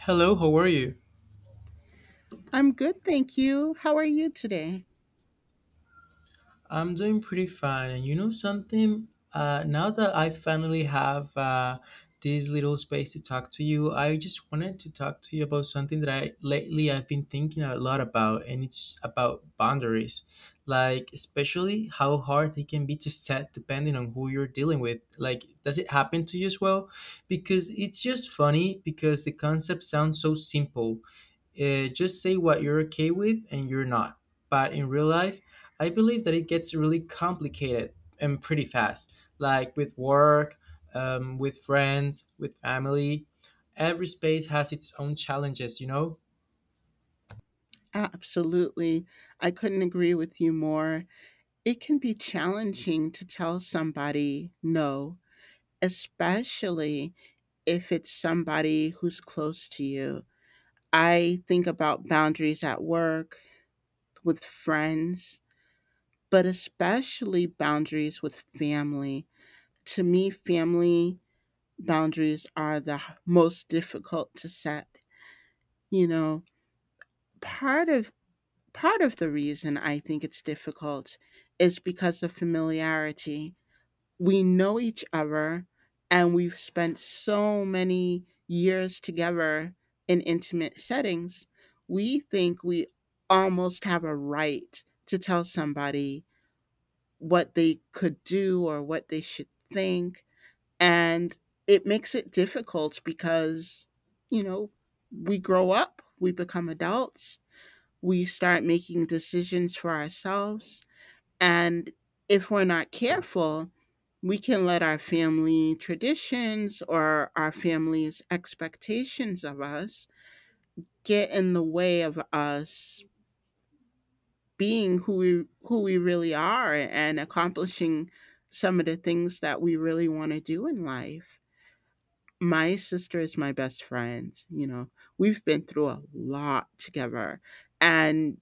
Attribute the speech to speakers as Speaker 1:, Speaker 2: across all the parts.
Speaker 1: Hello, how are you?
Speaker 2: I'm good, thank you. How are you today?
Speaker 1: I'm doing pretty fine. And you know something? Now that I finally have this little space to talk to you, I just wanted to talk to you about something that I lately I've been thinking a lot about, and it's about boundaries. Like, especially how hard they can be to set depending on who you're dealing with. Like, does it happen to you as well? Because it's just funny because the concept sounds so simple. Just say what you're okay with and you're not. But in real life, I believe that it gets really complicated and pretty fast, like with work, with friends, with family. Every space has its own challenges, you know?
Speaker 2: Absolutely. I couldn't agree with you more. It can be challenging to tell somebody no, especially if it's somebody who's close to you. I think about boundaries at work, with friends, but especially boundaries with family. To me, family boundaries are the most difficult to set. You know, part of part of the reason I think it's difficult is because of familiarity. We know each other and we've spent so many years together in intimate settings. We think we almost have a right to tell somebody what they could do or what they should think. And it makes it difficult because, you know, we grow up, we become adults, we start making decisions for ourselves. And if we're not careful, we can let our family traditions or our family's expectations of us get in the way of us being who we really are and accomplishing some of the things that we really want to do in life. My sister is my best friend, you know. We've been through a lot together, and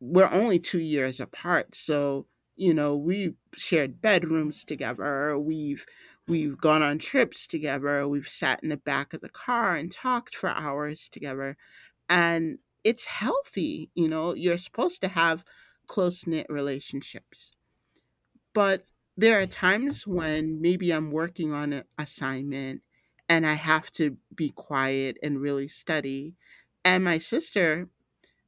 Speaker 2: we're only 2 years apart. So you know, we shared bedrooms together. We've gone on trips together. We've sat in the back of the car and talked for hours together. And it's healthy, you know. You're supposed to have close knit relationships, but there are times when maybe I'm working on an assignment and I have to be quiet and really study. And my sister,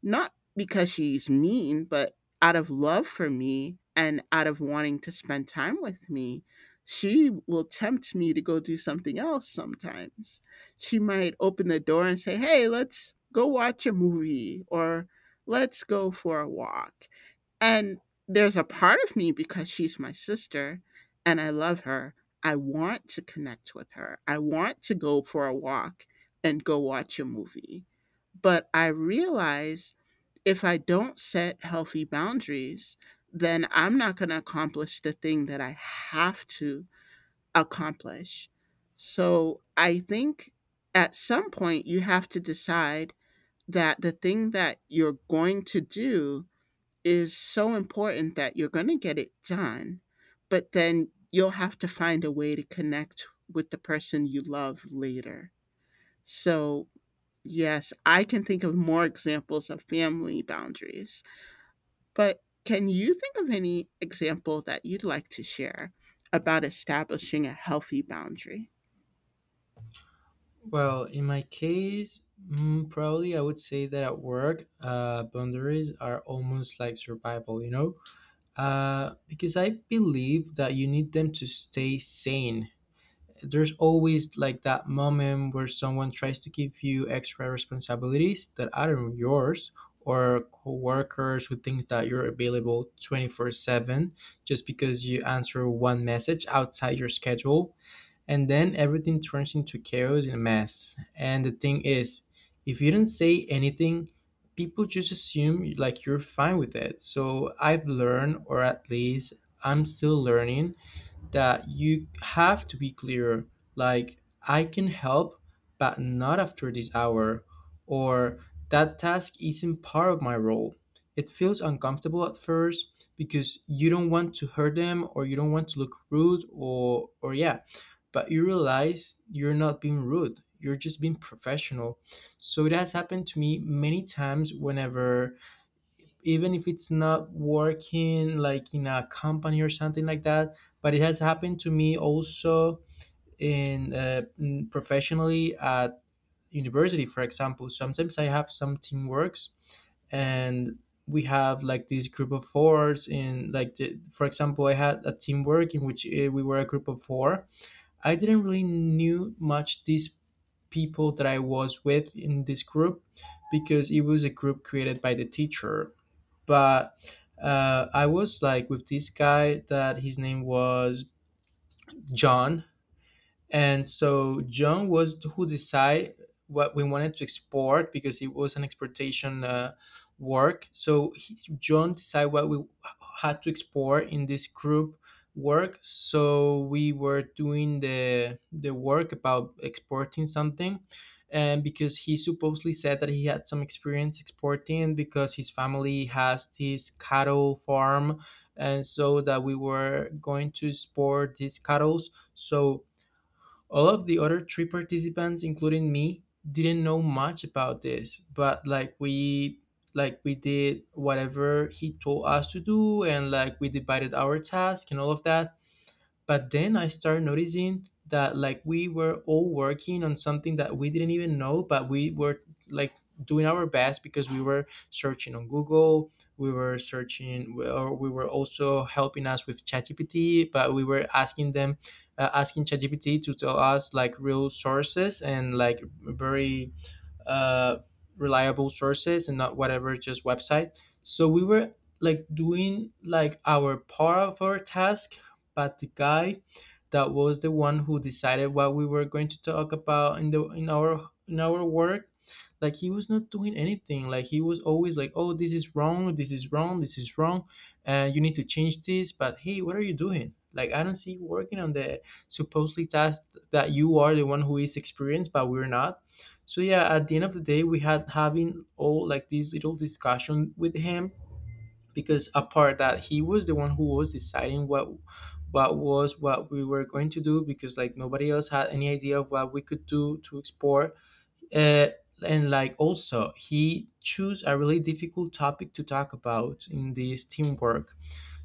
Speaker 2: not because she's mean, but out of love for me and out of wanting to spend time with me, she will tempt me to go do something else sometimes. She might open the door and say, "Hey, let's go watch a movie or let's go for a walk." And there's a part of me, because she's my sister and I love her, I want to connect with her. I want to go for a walk and go watch a movie, but I realize if I don't set healthy boundaries, then I'm not gonna accomplish the thing that I have to accomplish. So I think at some point you have to decide that the thing that you're going to do is so important that you're gonna get it done, but then you'll have to find a way to connect with the person you love later. So, yes, I can think of more examples of family boundaries. But can you think of any example that you'd like to share about establishing a healthy boundary?
Speaker 1: Well, in my case, probably I would say that at work, boundaries are almost like survival, you know? Because I believe that you need them to stay sane. There's always like that moment where someone tries to give you extra responsibilities that aren't yours, or coworkers who thinks that you're available 24/7 just because you answer one message outside your schedule, and then everything turns into chaos and a mess. And the thing is, if you don't say anything, people just assume like you're fine with it. So I've learned, or at least I'm still learning, that you have to be clear. Like, I can help, but not after this hour, or that task isn't part of my role. It feels uncomfortable at first because you don't want to hurt them, or you don't want to look rude, or yeah. But you realize you're not being rude, you're just being professional. So it has happened to me many times, whenever, even if it's not working like in a company or something like that. But it has happened to me also in professionally at university, for example. Sometimes I have some teamworks, and we have like this group of fours in like for example, I had a teamwork in which we were a group of four. I didn't really knew much these people that I was with in this group, because it was a group created by the teacher. But I was like with this guy that his name was John, and so John was who decide what we wanted to export, because it was an exportation work. So John decide what we had to export in this group work. So we were doing the work about exporting something. And because he supposedly said that he had some experience exporting because his family has this cattle farm, and so that we were going to export these cattle. So all of the other three participants, including me, didn't know much about this, but like we did whatever he told us to do, and like we divided our task and all of that. But then I started noticing that like we were all working on something that we didn't even know, but we were like doing our best because we were searching on Google. We were searching, or we were also helping us with ChatGPT, but we were asking ChatGPT to tell us like real sources and like very uh, reliable sources, and not whatever just website. So we were like doing like our part of our task, but the guy that was the one who decided what we were going to talk about in our work, like he was not doing anything. Like he was always like, oh, this is wrong, this is wrong, this is wrong, you need to change this. But hey, what are you doing? Like, I don't see you working on the supposedly task that you are the one who is experienced, but we're not. So yeah, at the end of the day, we had having all like this little discussion with him, because apart that he was the one who was deciding what we were going to do, because like nobody else had any idea of what we could do to explore, uh, and like also he chose a really difficult topic to talk about in this teamwork.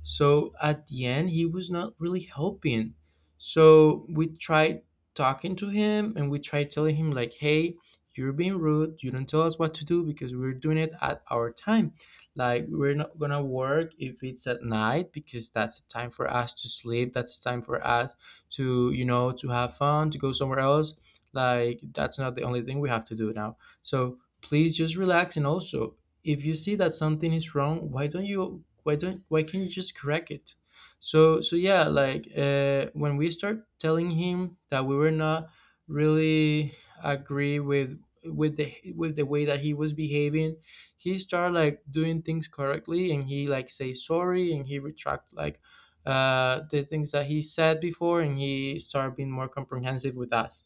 Speaker 1: So at the end he was not really helping. So we tried talking to him, and we tried telling him like, hey, you're being rude, you don't tell us what to do, because we're doing it at our time. Like, we're not gonna work if it's at night, because that's the time for us to sleep, that's the time for us to to have fun, to go somewhere else. Like, that's not the only thing we have to do now. So please just relax. And also, if you see that something is wrong, why don't you why don't why can't you just correct it? So yeah, like when we start telling him that we were not really agree with the way that he was behaving, he started like doing things correctly, and he like say sorry, and he retract like the things that he said before, and he started being more comprehensive with us,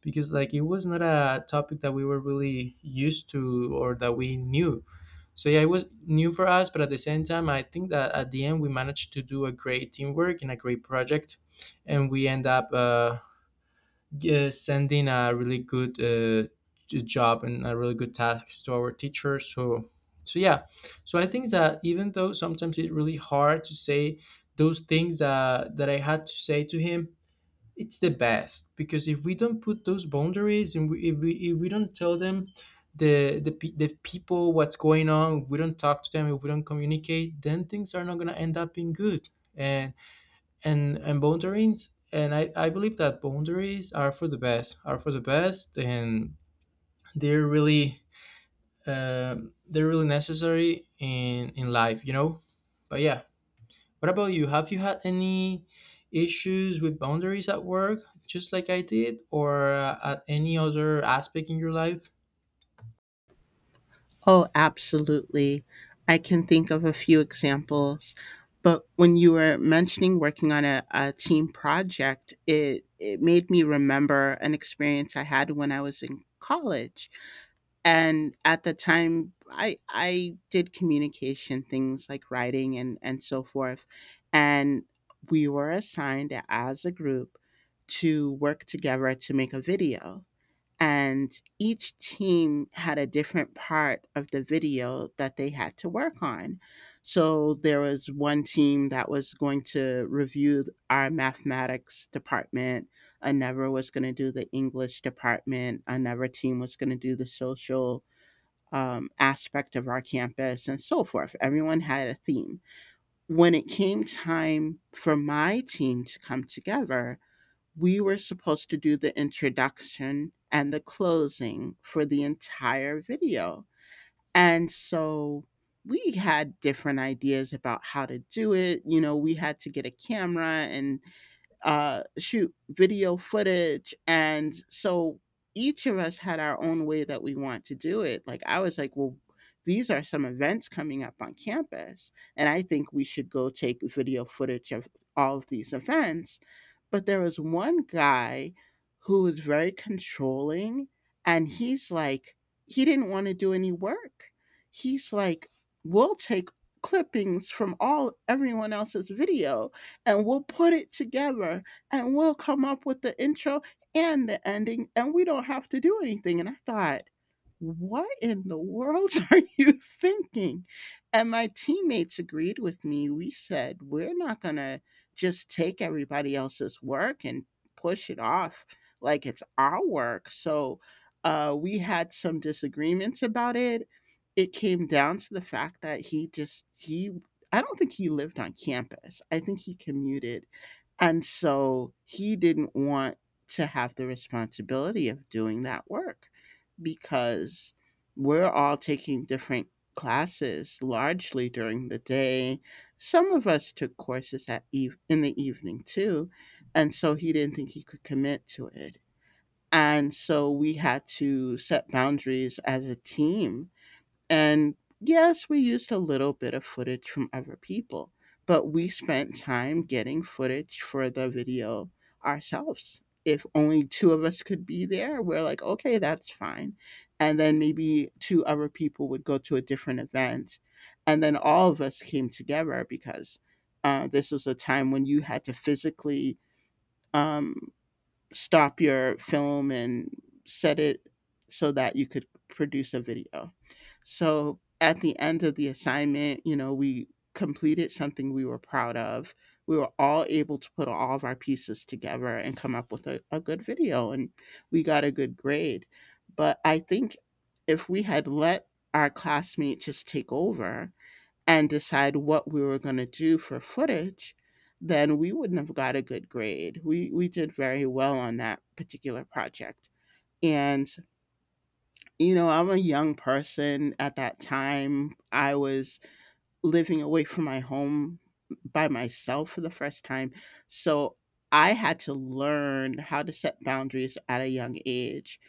Speaker 1: because like it was not a topic that we were really used to or that we knew. So yeah, it was new for us, but at the same time, I think that at the end we managed to do a great teamwork and a great project, and we end up sending a really good job and a really good task to our teacher. So yeah, so I think that even though sometimes it's really hard to say those things that I had to say to him, it's the best. Because if we don't put those boundaries, and we, if we if we don't tell them the pe- the people what's going on, if we don't talk to them, if we don't communicate, then things are not gonna end up being good. And and boundaries, and I believe that boundaries are for the best, are for the best, and they're really necessary in life, you know. But yeah, what about you? Have you had any issues with boundaries at work, just like I did, or at any other aspect in your life?
Speaker 2: Oh, absolutely. I can think of a few examples. But when you were mentioning working on a team project, it made me remember an experience I had when I was in college. And at the time, I did communication things like writing and so forth. And we were assigned as a group to work together to make a video, and each team had a different part of the video that they had to work on. So there was one team that was going to review our mathematics department, another was going to do the English department, another team was going to do the social aspect of our campus, and so forth. Everyone had a theme. When it came time for my team to come together, we were supposed to do the introduction and the closing for the entire video. And so we had different ideas about how to do it. You know, we had to get a camera and shoot video footage. And so each of us had our own way that we want to do it. Like, I was like, well, these are some events coming up on campus, and I think we should go take video footage of all of these events. But there was one guy who was very controlling, and he's like, he didn't want to do any work. He's like, we'll take clippings from all everyone else's video and we'll put it together and we'll come up with the intro and the ending, and we don't have to do anything. And I thought, what in the world are you thinking? And my teammates agreed with me. We said, we're not going to just take everybody else's work and push it off like it's our work. So we had some disagreements about it. It came down to the fact that I don't think he lived on campus. I think he commuted, and so he didn't want to have the responsibility of doing that work because we're all taking different classes largely during the day. Some of us took courses at in the evening too. And so he didn't think he could commit to it. And so we had to set boundaries as a team. And yes, we used a little bit of footage from other people, but we spent time getting footage for the video ourselves. If only two of us could be there, we're like, okay, that's fine. And then maybe two other people would go to a different event. And then all of us came together because this was a time when you had to physically um, stop your film and set it so that you could produce a video. So at the end of the assignment, you know, we completed something we were proud of. We were all able to put all of our pieces together and come up with a good video, and we got a good grade. But I think if we had let our classmate just take over and decide what we were going to do for footage, then we wouldn't have got a good grade. We did very well on that particular project. And you know, I'm a young person at that time. I was living away from my home by myself for the first time. So I had to learn how to set boundaries at a young age.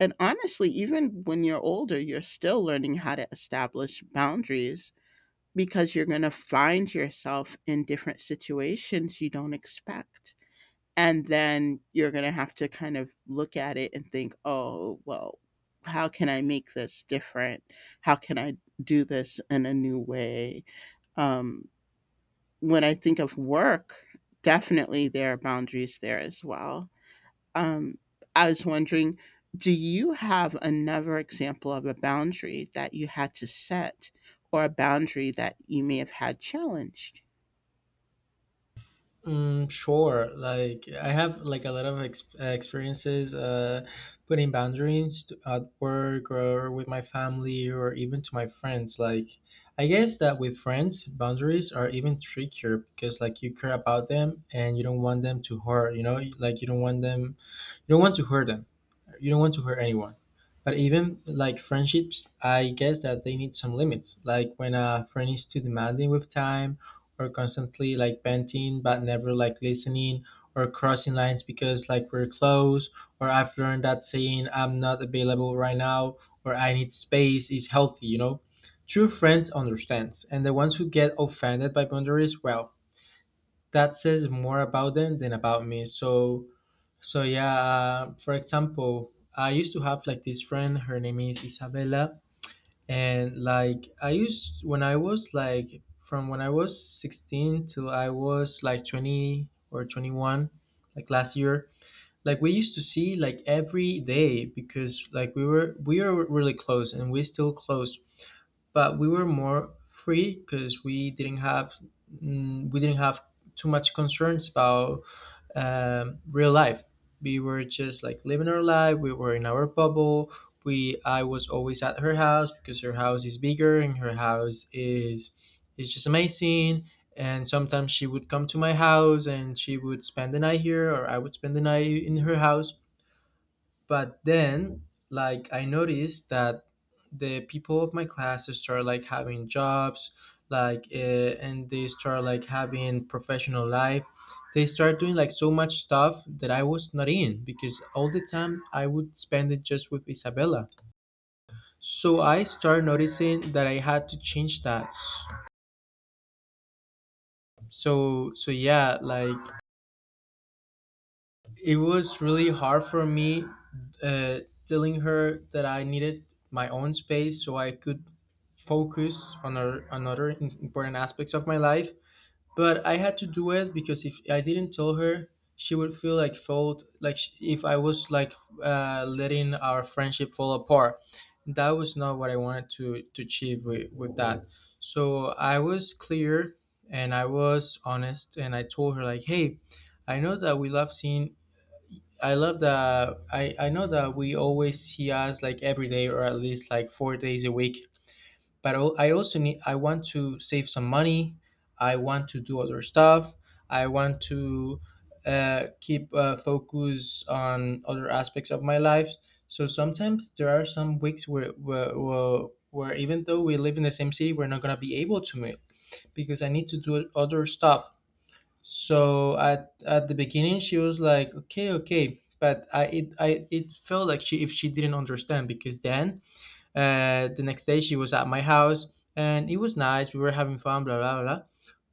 Speaker 2: And honestly, even when you're older, you're still learning how to establish boundaries because you're going to find yourself in different situations you don't expect, and then you're going to have to kind of look at it and think, oh well, how can I make this different? How can I do this in a new way? um, when I think of work, definitely there are boundaries there as well. um, I was wondering, do you have another example of a boundary that you had to set or a boundary that you may have had challenged?
Speaker 1: Mm, sure. Like, I have like a lot of experiences putting boundaries at work, or with my family, or even to my friends. Like, I guess that with friends, boundaries are even trickier, because like you care about them and you don't want them to hurt. You know, like, you don't want to hurt them. You don't want to hurt anyone. But even like friendships, I guess that they need some limits. Like when a friend is too demanding with time, or constantly like venting but never like listening, or crossing lines because like we're close. Or, I've learned that saying I'm not available right now, or I need space, is healthy, you know? True friends understands, and the ones who get offended by boundaries, well, that says more about them than about me. So yeah, for example, I used to have like this friend. Her name is Isabella, and like I used when I was like from when I was 16 till I was like 20 or 21, like last year. Like we used to see like every day, because like we were really close, and we are still close, but we were more free because we didn't have too much concerns about real life. We were just like living our life. We were in our bubble. We I was always at her house, because her house is bigger, and her house is just amazing. And sometimes she would come to my house and she would spend the night here, or I would spend the night in her house. But then like I noticed that the people of my class start like having jobs, like and they start like having professional life. They start doing like so much stuff that I was not in, because all the time I would spend it just with Isabella. So I start noticing that I had to change that. So yeah, like, it was really hard for me, uh, telling her that I needed my own space so I could focus on other important aspects of my life. But I had to do it, because if I didn't tell her, she would feel like fault, if I was like letting our friendship fall apart. That was not what I wanted to achieve with that. So I was clear and I was honest, and I told her like, hey, I know that we love seeing, I love that. I know that we always see us like every day or at least like 4 days a week. I also need, I want to save some money. I want to do other stuff. I want to keep focus on other aspects of my life. So sometimes there are some weeks where even though we live in the same city, we're not going to be able to meet because I need to do other stuff. So at the beginning she was like, okay, okay, but I it felt like she didn't understand because then the next day she was at my house and it was nice. We were having fun, blah blah blah.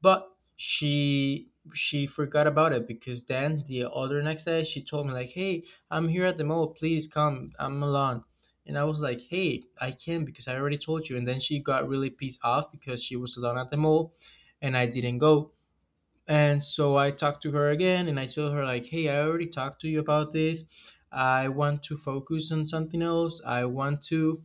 Speaker 1: But she forgot about it because then the other next day she told me like, hey, I'm here at the mall. Please come. I'm alone. And I was like, hey, I can't because I already told you. And then she got really pissed off because she was alone at the mall and I didn't go, and so I talked to her again and I told her like, "Hey, I already talked to you about this. I want to focus on something else. I want to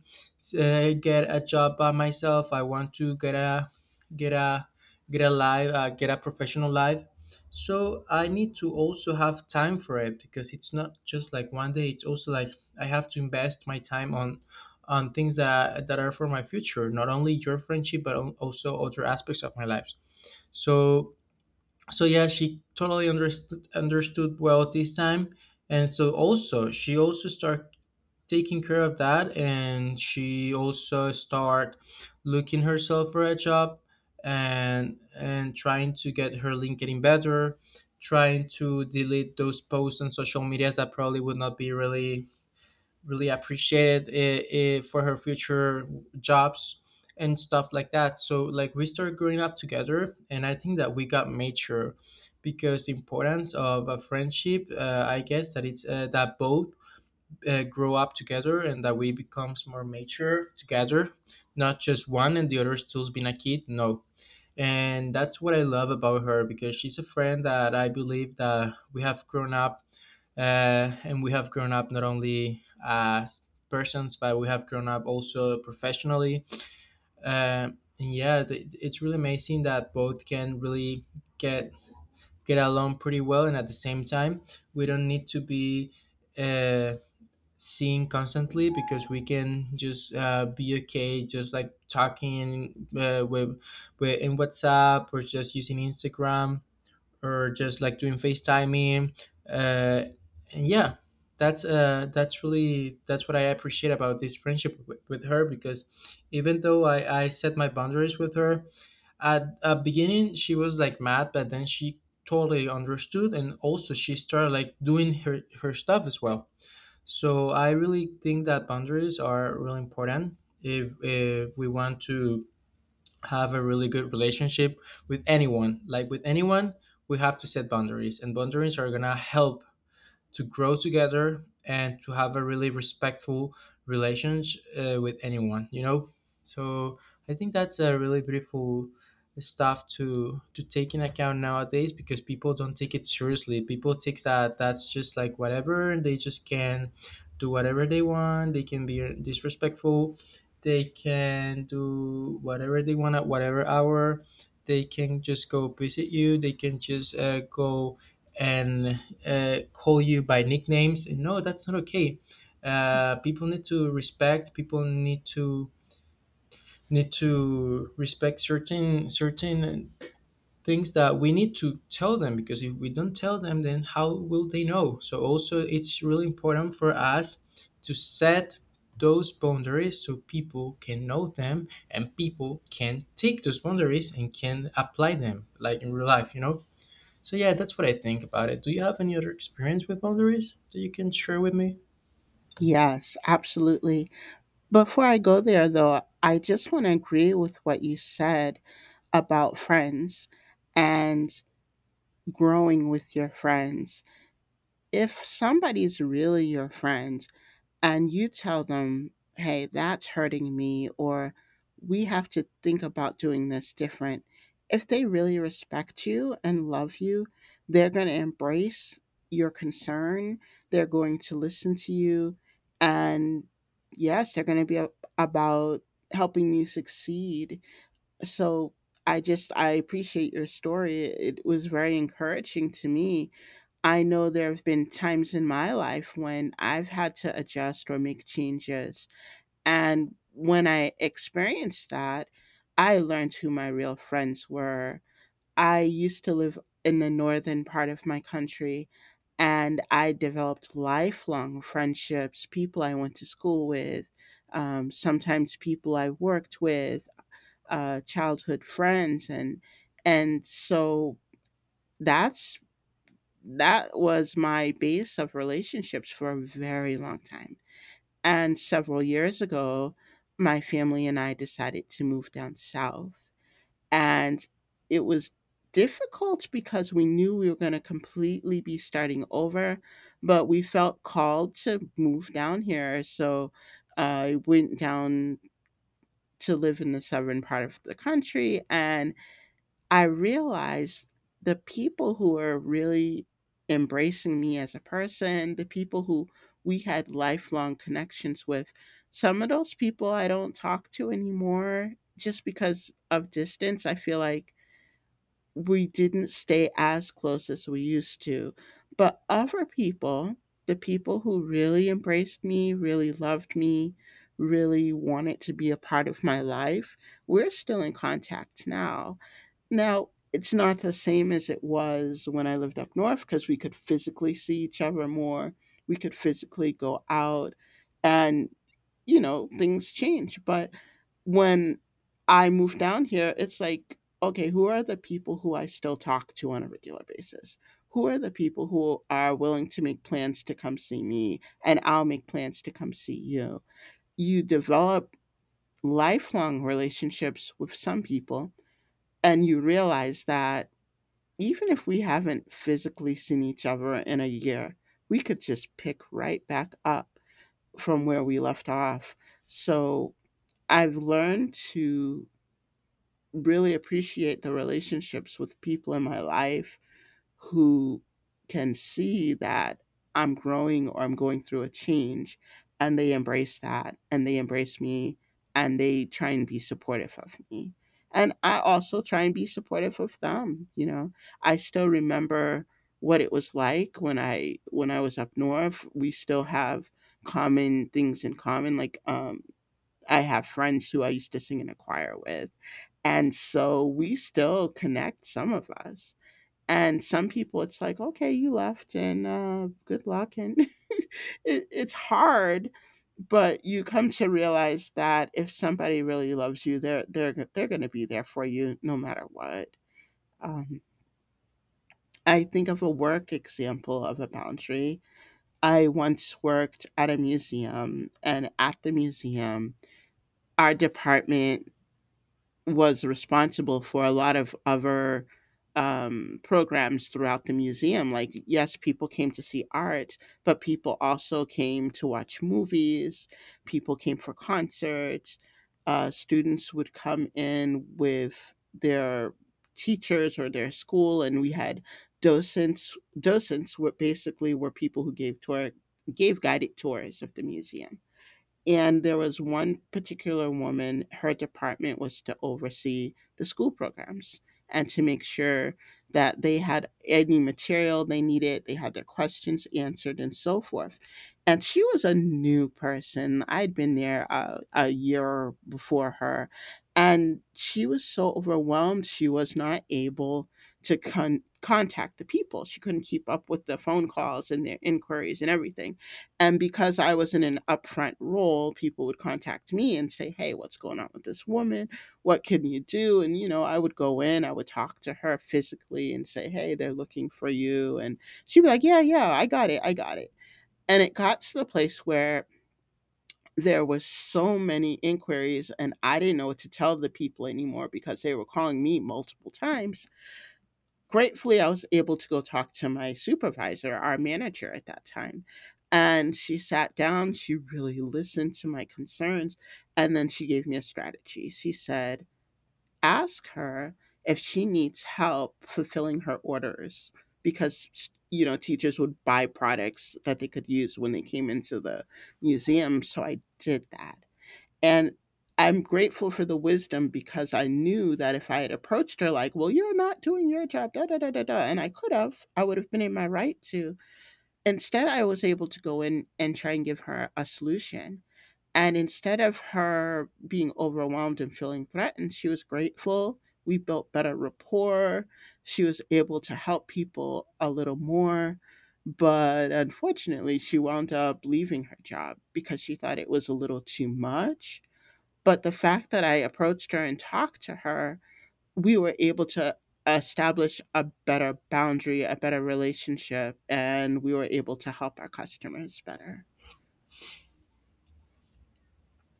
Speaker 1: get a job by myself. I want to get a get a life, get a professional life. So I need to also have time for it because it's not just like one day. It's also like I have to invest my time on things that are for my future, not only your friendship but also other aspects of my life. So so yeah, she totally understood well this time, and so also she also start taking care of that, and she also start looking herself for a job, and trying to get her link getting better, trying to delete those posts on social medias that probably would not be really really appreciated it, it for her future jobs and stuff like that. So like we started growing up together, and I think that we got mature because the importance of a friendship, I guess that it's that both grow up together and that we becomes more mature together, not just one and the other stills being a kid. No, and that's what I love about her because she's a friend that I believe that we have grown up, and we have grown up not only as persons, but we have grown up also professionally. Uh, and yeah, it's really amazing that both can really get get along pretty well, and at the same time, we don't need to be. Uh, Seeing constantly because we can just be okay just like talking with in whatsapp or just using instagram or just like doing facetiming, uh, and yeah, that's what I appreciate about this friendship with her because even though I set my boundaries with her at a beginning she was like mad, but then she totally understood, and also she started like doing her stuff as well. So I really think that boundaries are really important if we want to have a really good relationship with anyone. Like with anyone, we have to set boundaries, and boundaries are gonna help to grow together and to have a really respectful relations with anyone, you know. So I think that's a really beautiful stuff to take in account nowadays because people don't take it seriously. People take that's just like whatever, and they just can do whatever they want. They can be disrespectful. They can do whatever they want at whatever hour. They can just go visit you. They can just go, and call you by nicknames. And no, that's not okay. People need to respect. People need to respect certain things that we need to tell them because if we don't tell them, then how will they know? So also, it's really important for us to set those boundaries so people can know them and people can take those boundaries and can apply them like in real life, you know. So yeah, that's what I think about it. Do you have any other experience with boundaries that you can share with me?
Speaker 2: Yes, absolutely. Before I go there, though, I just want to agree with what you said about friends and growing with your friends. If somebody's really your friend, and you tell them, hey, that's hurting me, or we have to think about doing this different. If they really respect you and love you, they're going to embrace your concern. They're going to listen to you. And yes, they're going to be about helping you succeed. So I just, I appreciate your story. It was very encouraging to me. I know there have been times in my life when I've had to adjust or make changes. And when I experienced that, I learned who my real friends were. I used to live in the northern part of my country, and I developed lifelong friendships, people I went to school with, sometimes people I worked with, childhood friends. And so that's that was my base of relationships for a very long time. And several years ago, my family and I decided to move down south. And it was difficult because we knew we were going to completely be starting over, but we felt called to move down here. So I went down to live in the southern part of the country, and I realized the people who were really embracing me as a person, the people who we had lifelong connections with, some of those people I don't talk to anymore just because of distance. I feel like we didn't stay as close as we used to. But other people, the people who really embraced me, really loved me, really wanted to be a part of my life, we're still in contact now, it's not the same as it was when I lived up north because we could physically see each other more. We could physically go out and, you know, things change. But when I moved down here, it's like, okay, who are the people who I still talk to on a regular basis? Who are the people who are willing to make plans to come see me? And I'll make plans to come see you. You develop lifelong relationships with some people, and you realize that even if we haven't physically seen each other in a year, we could just pick right back up from where we left off. So I've learned to really appreciate the relationships with people in my life who can see that I'm growing or I'm going through a change, and they embrace that and they embrace me and they try and be supportive of me. And I also try and be supportive of them, you know. I still remember what it was like when I was up north. We still have common things in common, like I have friends who I used to sing in a choir with. And so we still connect, some of us, and some people it's like, okay, you left and good luck and it's hard, but you come to realize that if somebody really loves you, they're going to be there for you no matter what. um, I think of a work example of a boundary. I once worked at a museum, and at the museum our department was responsible for a lot of other programs throughout the museum. Like, yes, people came to see art, but people also came to watch movies, people came for concerts, students would come in with their teachers or their school, and we had docents. Docents were basically were people who gave tour gave guided tours of the museum. And there was one particular woman. Her department was to oversee the school programs and to make sure that they had any material they needed, they had their questions answered, and so forth. And she was a new person. I'd been there a year before her. And she was so overwhelmed, she was not able to contact the people. She couldn't keep up with the phone calls and their inquiries and everything. And because I was in an upfront role, people would contact me and say, "Hey, what's going on with this woman? What can you do?" And, you know, I would go in, I would talk to her physically and say, "Hey, they're looking for you." And she'd be like, "Yeah, yeah, I got it. I got it." And it got to the place where there was so many inquiries and I didn't know what to tell the people anymore because they were calling me multiple times. Gratefully, I was able to go talk to my supervisor, our manager at that time. And she sat down, she really listened to my concerns, and then she gave me a strategy. She said, "Ask her if she needs help fulfilling her orders," because, you know, teachers would buy products that they could use when they came into the museum. So I did that, and I'm grateful for the wisdom, because I knew that if I had approached her like, "Well, you're not doing your job, da da da da da," and I could have, I would have been in my right to. Instead, I was able to go in and try and give her a solution. And instead of her being overwhelmed and feeling threatened, she was grateful. We built better rapport. She was able to help people a little more. But unfortunately, she wound up leaving her job because she thought it was a little too much. But the fact that I approached her and talked to her, we were able to establish a better boundary, a better relationship, and we were able to help our customers better.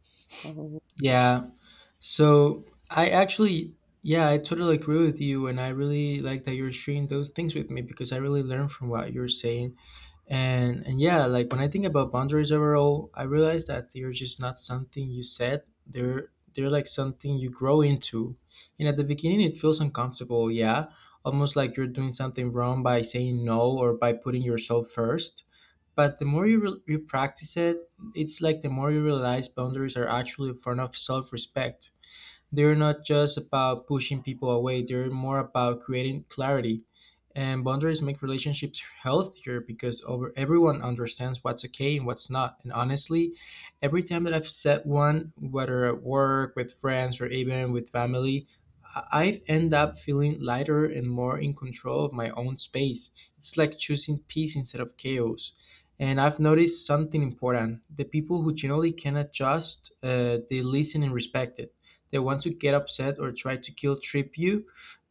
Speaker 2: So,
Speaker 1: Yeah. So I actually, yeah, I totally agree with you, and I really like that you're sharing those things with me because I really learned from what you're saying. And yeah, like when I think about boundaries overall, I realize that they're just not something you set. They're like something you grow into. And at the beginning, it feels uncomfortable. Yeah, almost like you're doing something wrong by saying no or by putting yourself first. But the more you practice it, it's like the more you realize boundaries are actually a form of self respect. They're not just about pushing people away, they're more about creating clarity. And boundaries make relationships healthier because over everyone understands what's okay and what's not. And honestly, every time that I've set one, whether at work, with friends, or even with family, I end up feeling lighter and more in control of my own space. It's like choosing peace instead of chaos. And I've noticed something important. The people who generally can adjust, they listen and respect it, the ones who get upset or try to guilt trip you,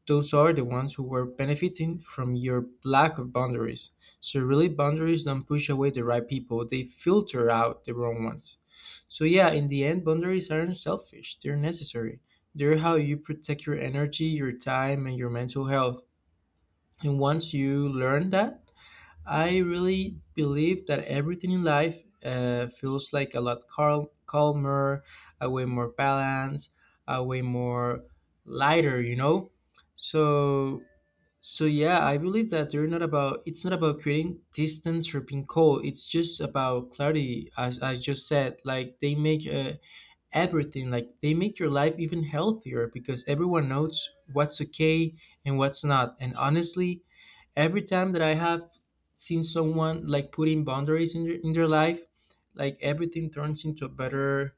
Speaker 1: those are the ones who were benefiting from your lack of boundaries. So, really, boundaries don't push away the right people, they filter out the wrong ones. So, yeah, in the end, boundaries aren't selfish, they're necessary. They're how you protect your energy, your time, and your mental health. And once you learn that, I really believe that everything in life feels like a lot calmer, a way more balanced, a way more lighter, you know? So, so yeah, I believe that they're not about, it's not about creating distance or being cold. It's just about clarity, as I just said. Like they make everything, like they make your life even healthier because everyone knows what's okay and what's not. And honestly, every time that I have seen someone like putting boundaries in in their life, like everything turns into a better,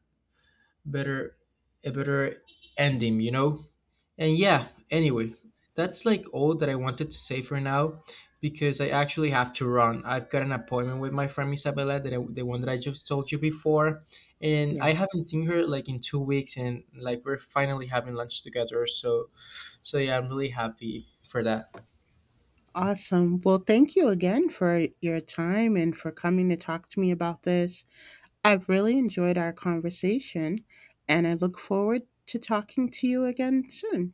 Speaker 1: better, a better ending, you know? And yeah, anyway, that's like all that I wanted to say for now because I actually have to run. I've got an appointment with my friend Isabella, the one that I just told you before. And
Speaker 2: yeah.
Speaker 1: I haven't seen her like in 2 weeks, and like we're finally having lunch together. So, so yeah, I'm really happy for that.
Speaker 2: Awesome. Well, thank you again for your time and for coming to talk to me about this. I've really enjoyed our conversation, and I look forward to talking to you again soon.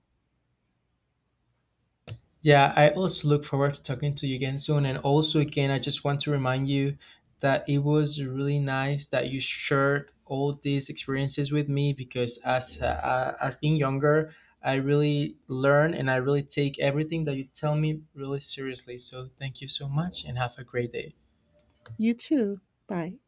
Speaker 1: Yeah, I also look forward to talking to you again soon. And also, again, I just want to remind you that it was really nice that you shared all these experiences with me because as being younger, I really learn and I really take everything that you tell me really seriously. So thank you so much and have a great day.
Speaker 2: You too. Bye.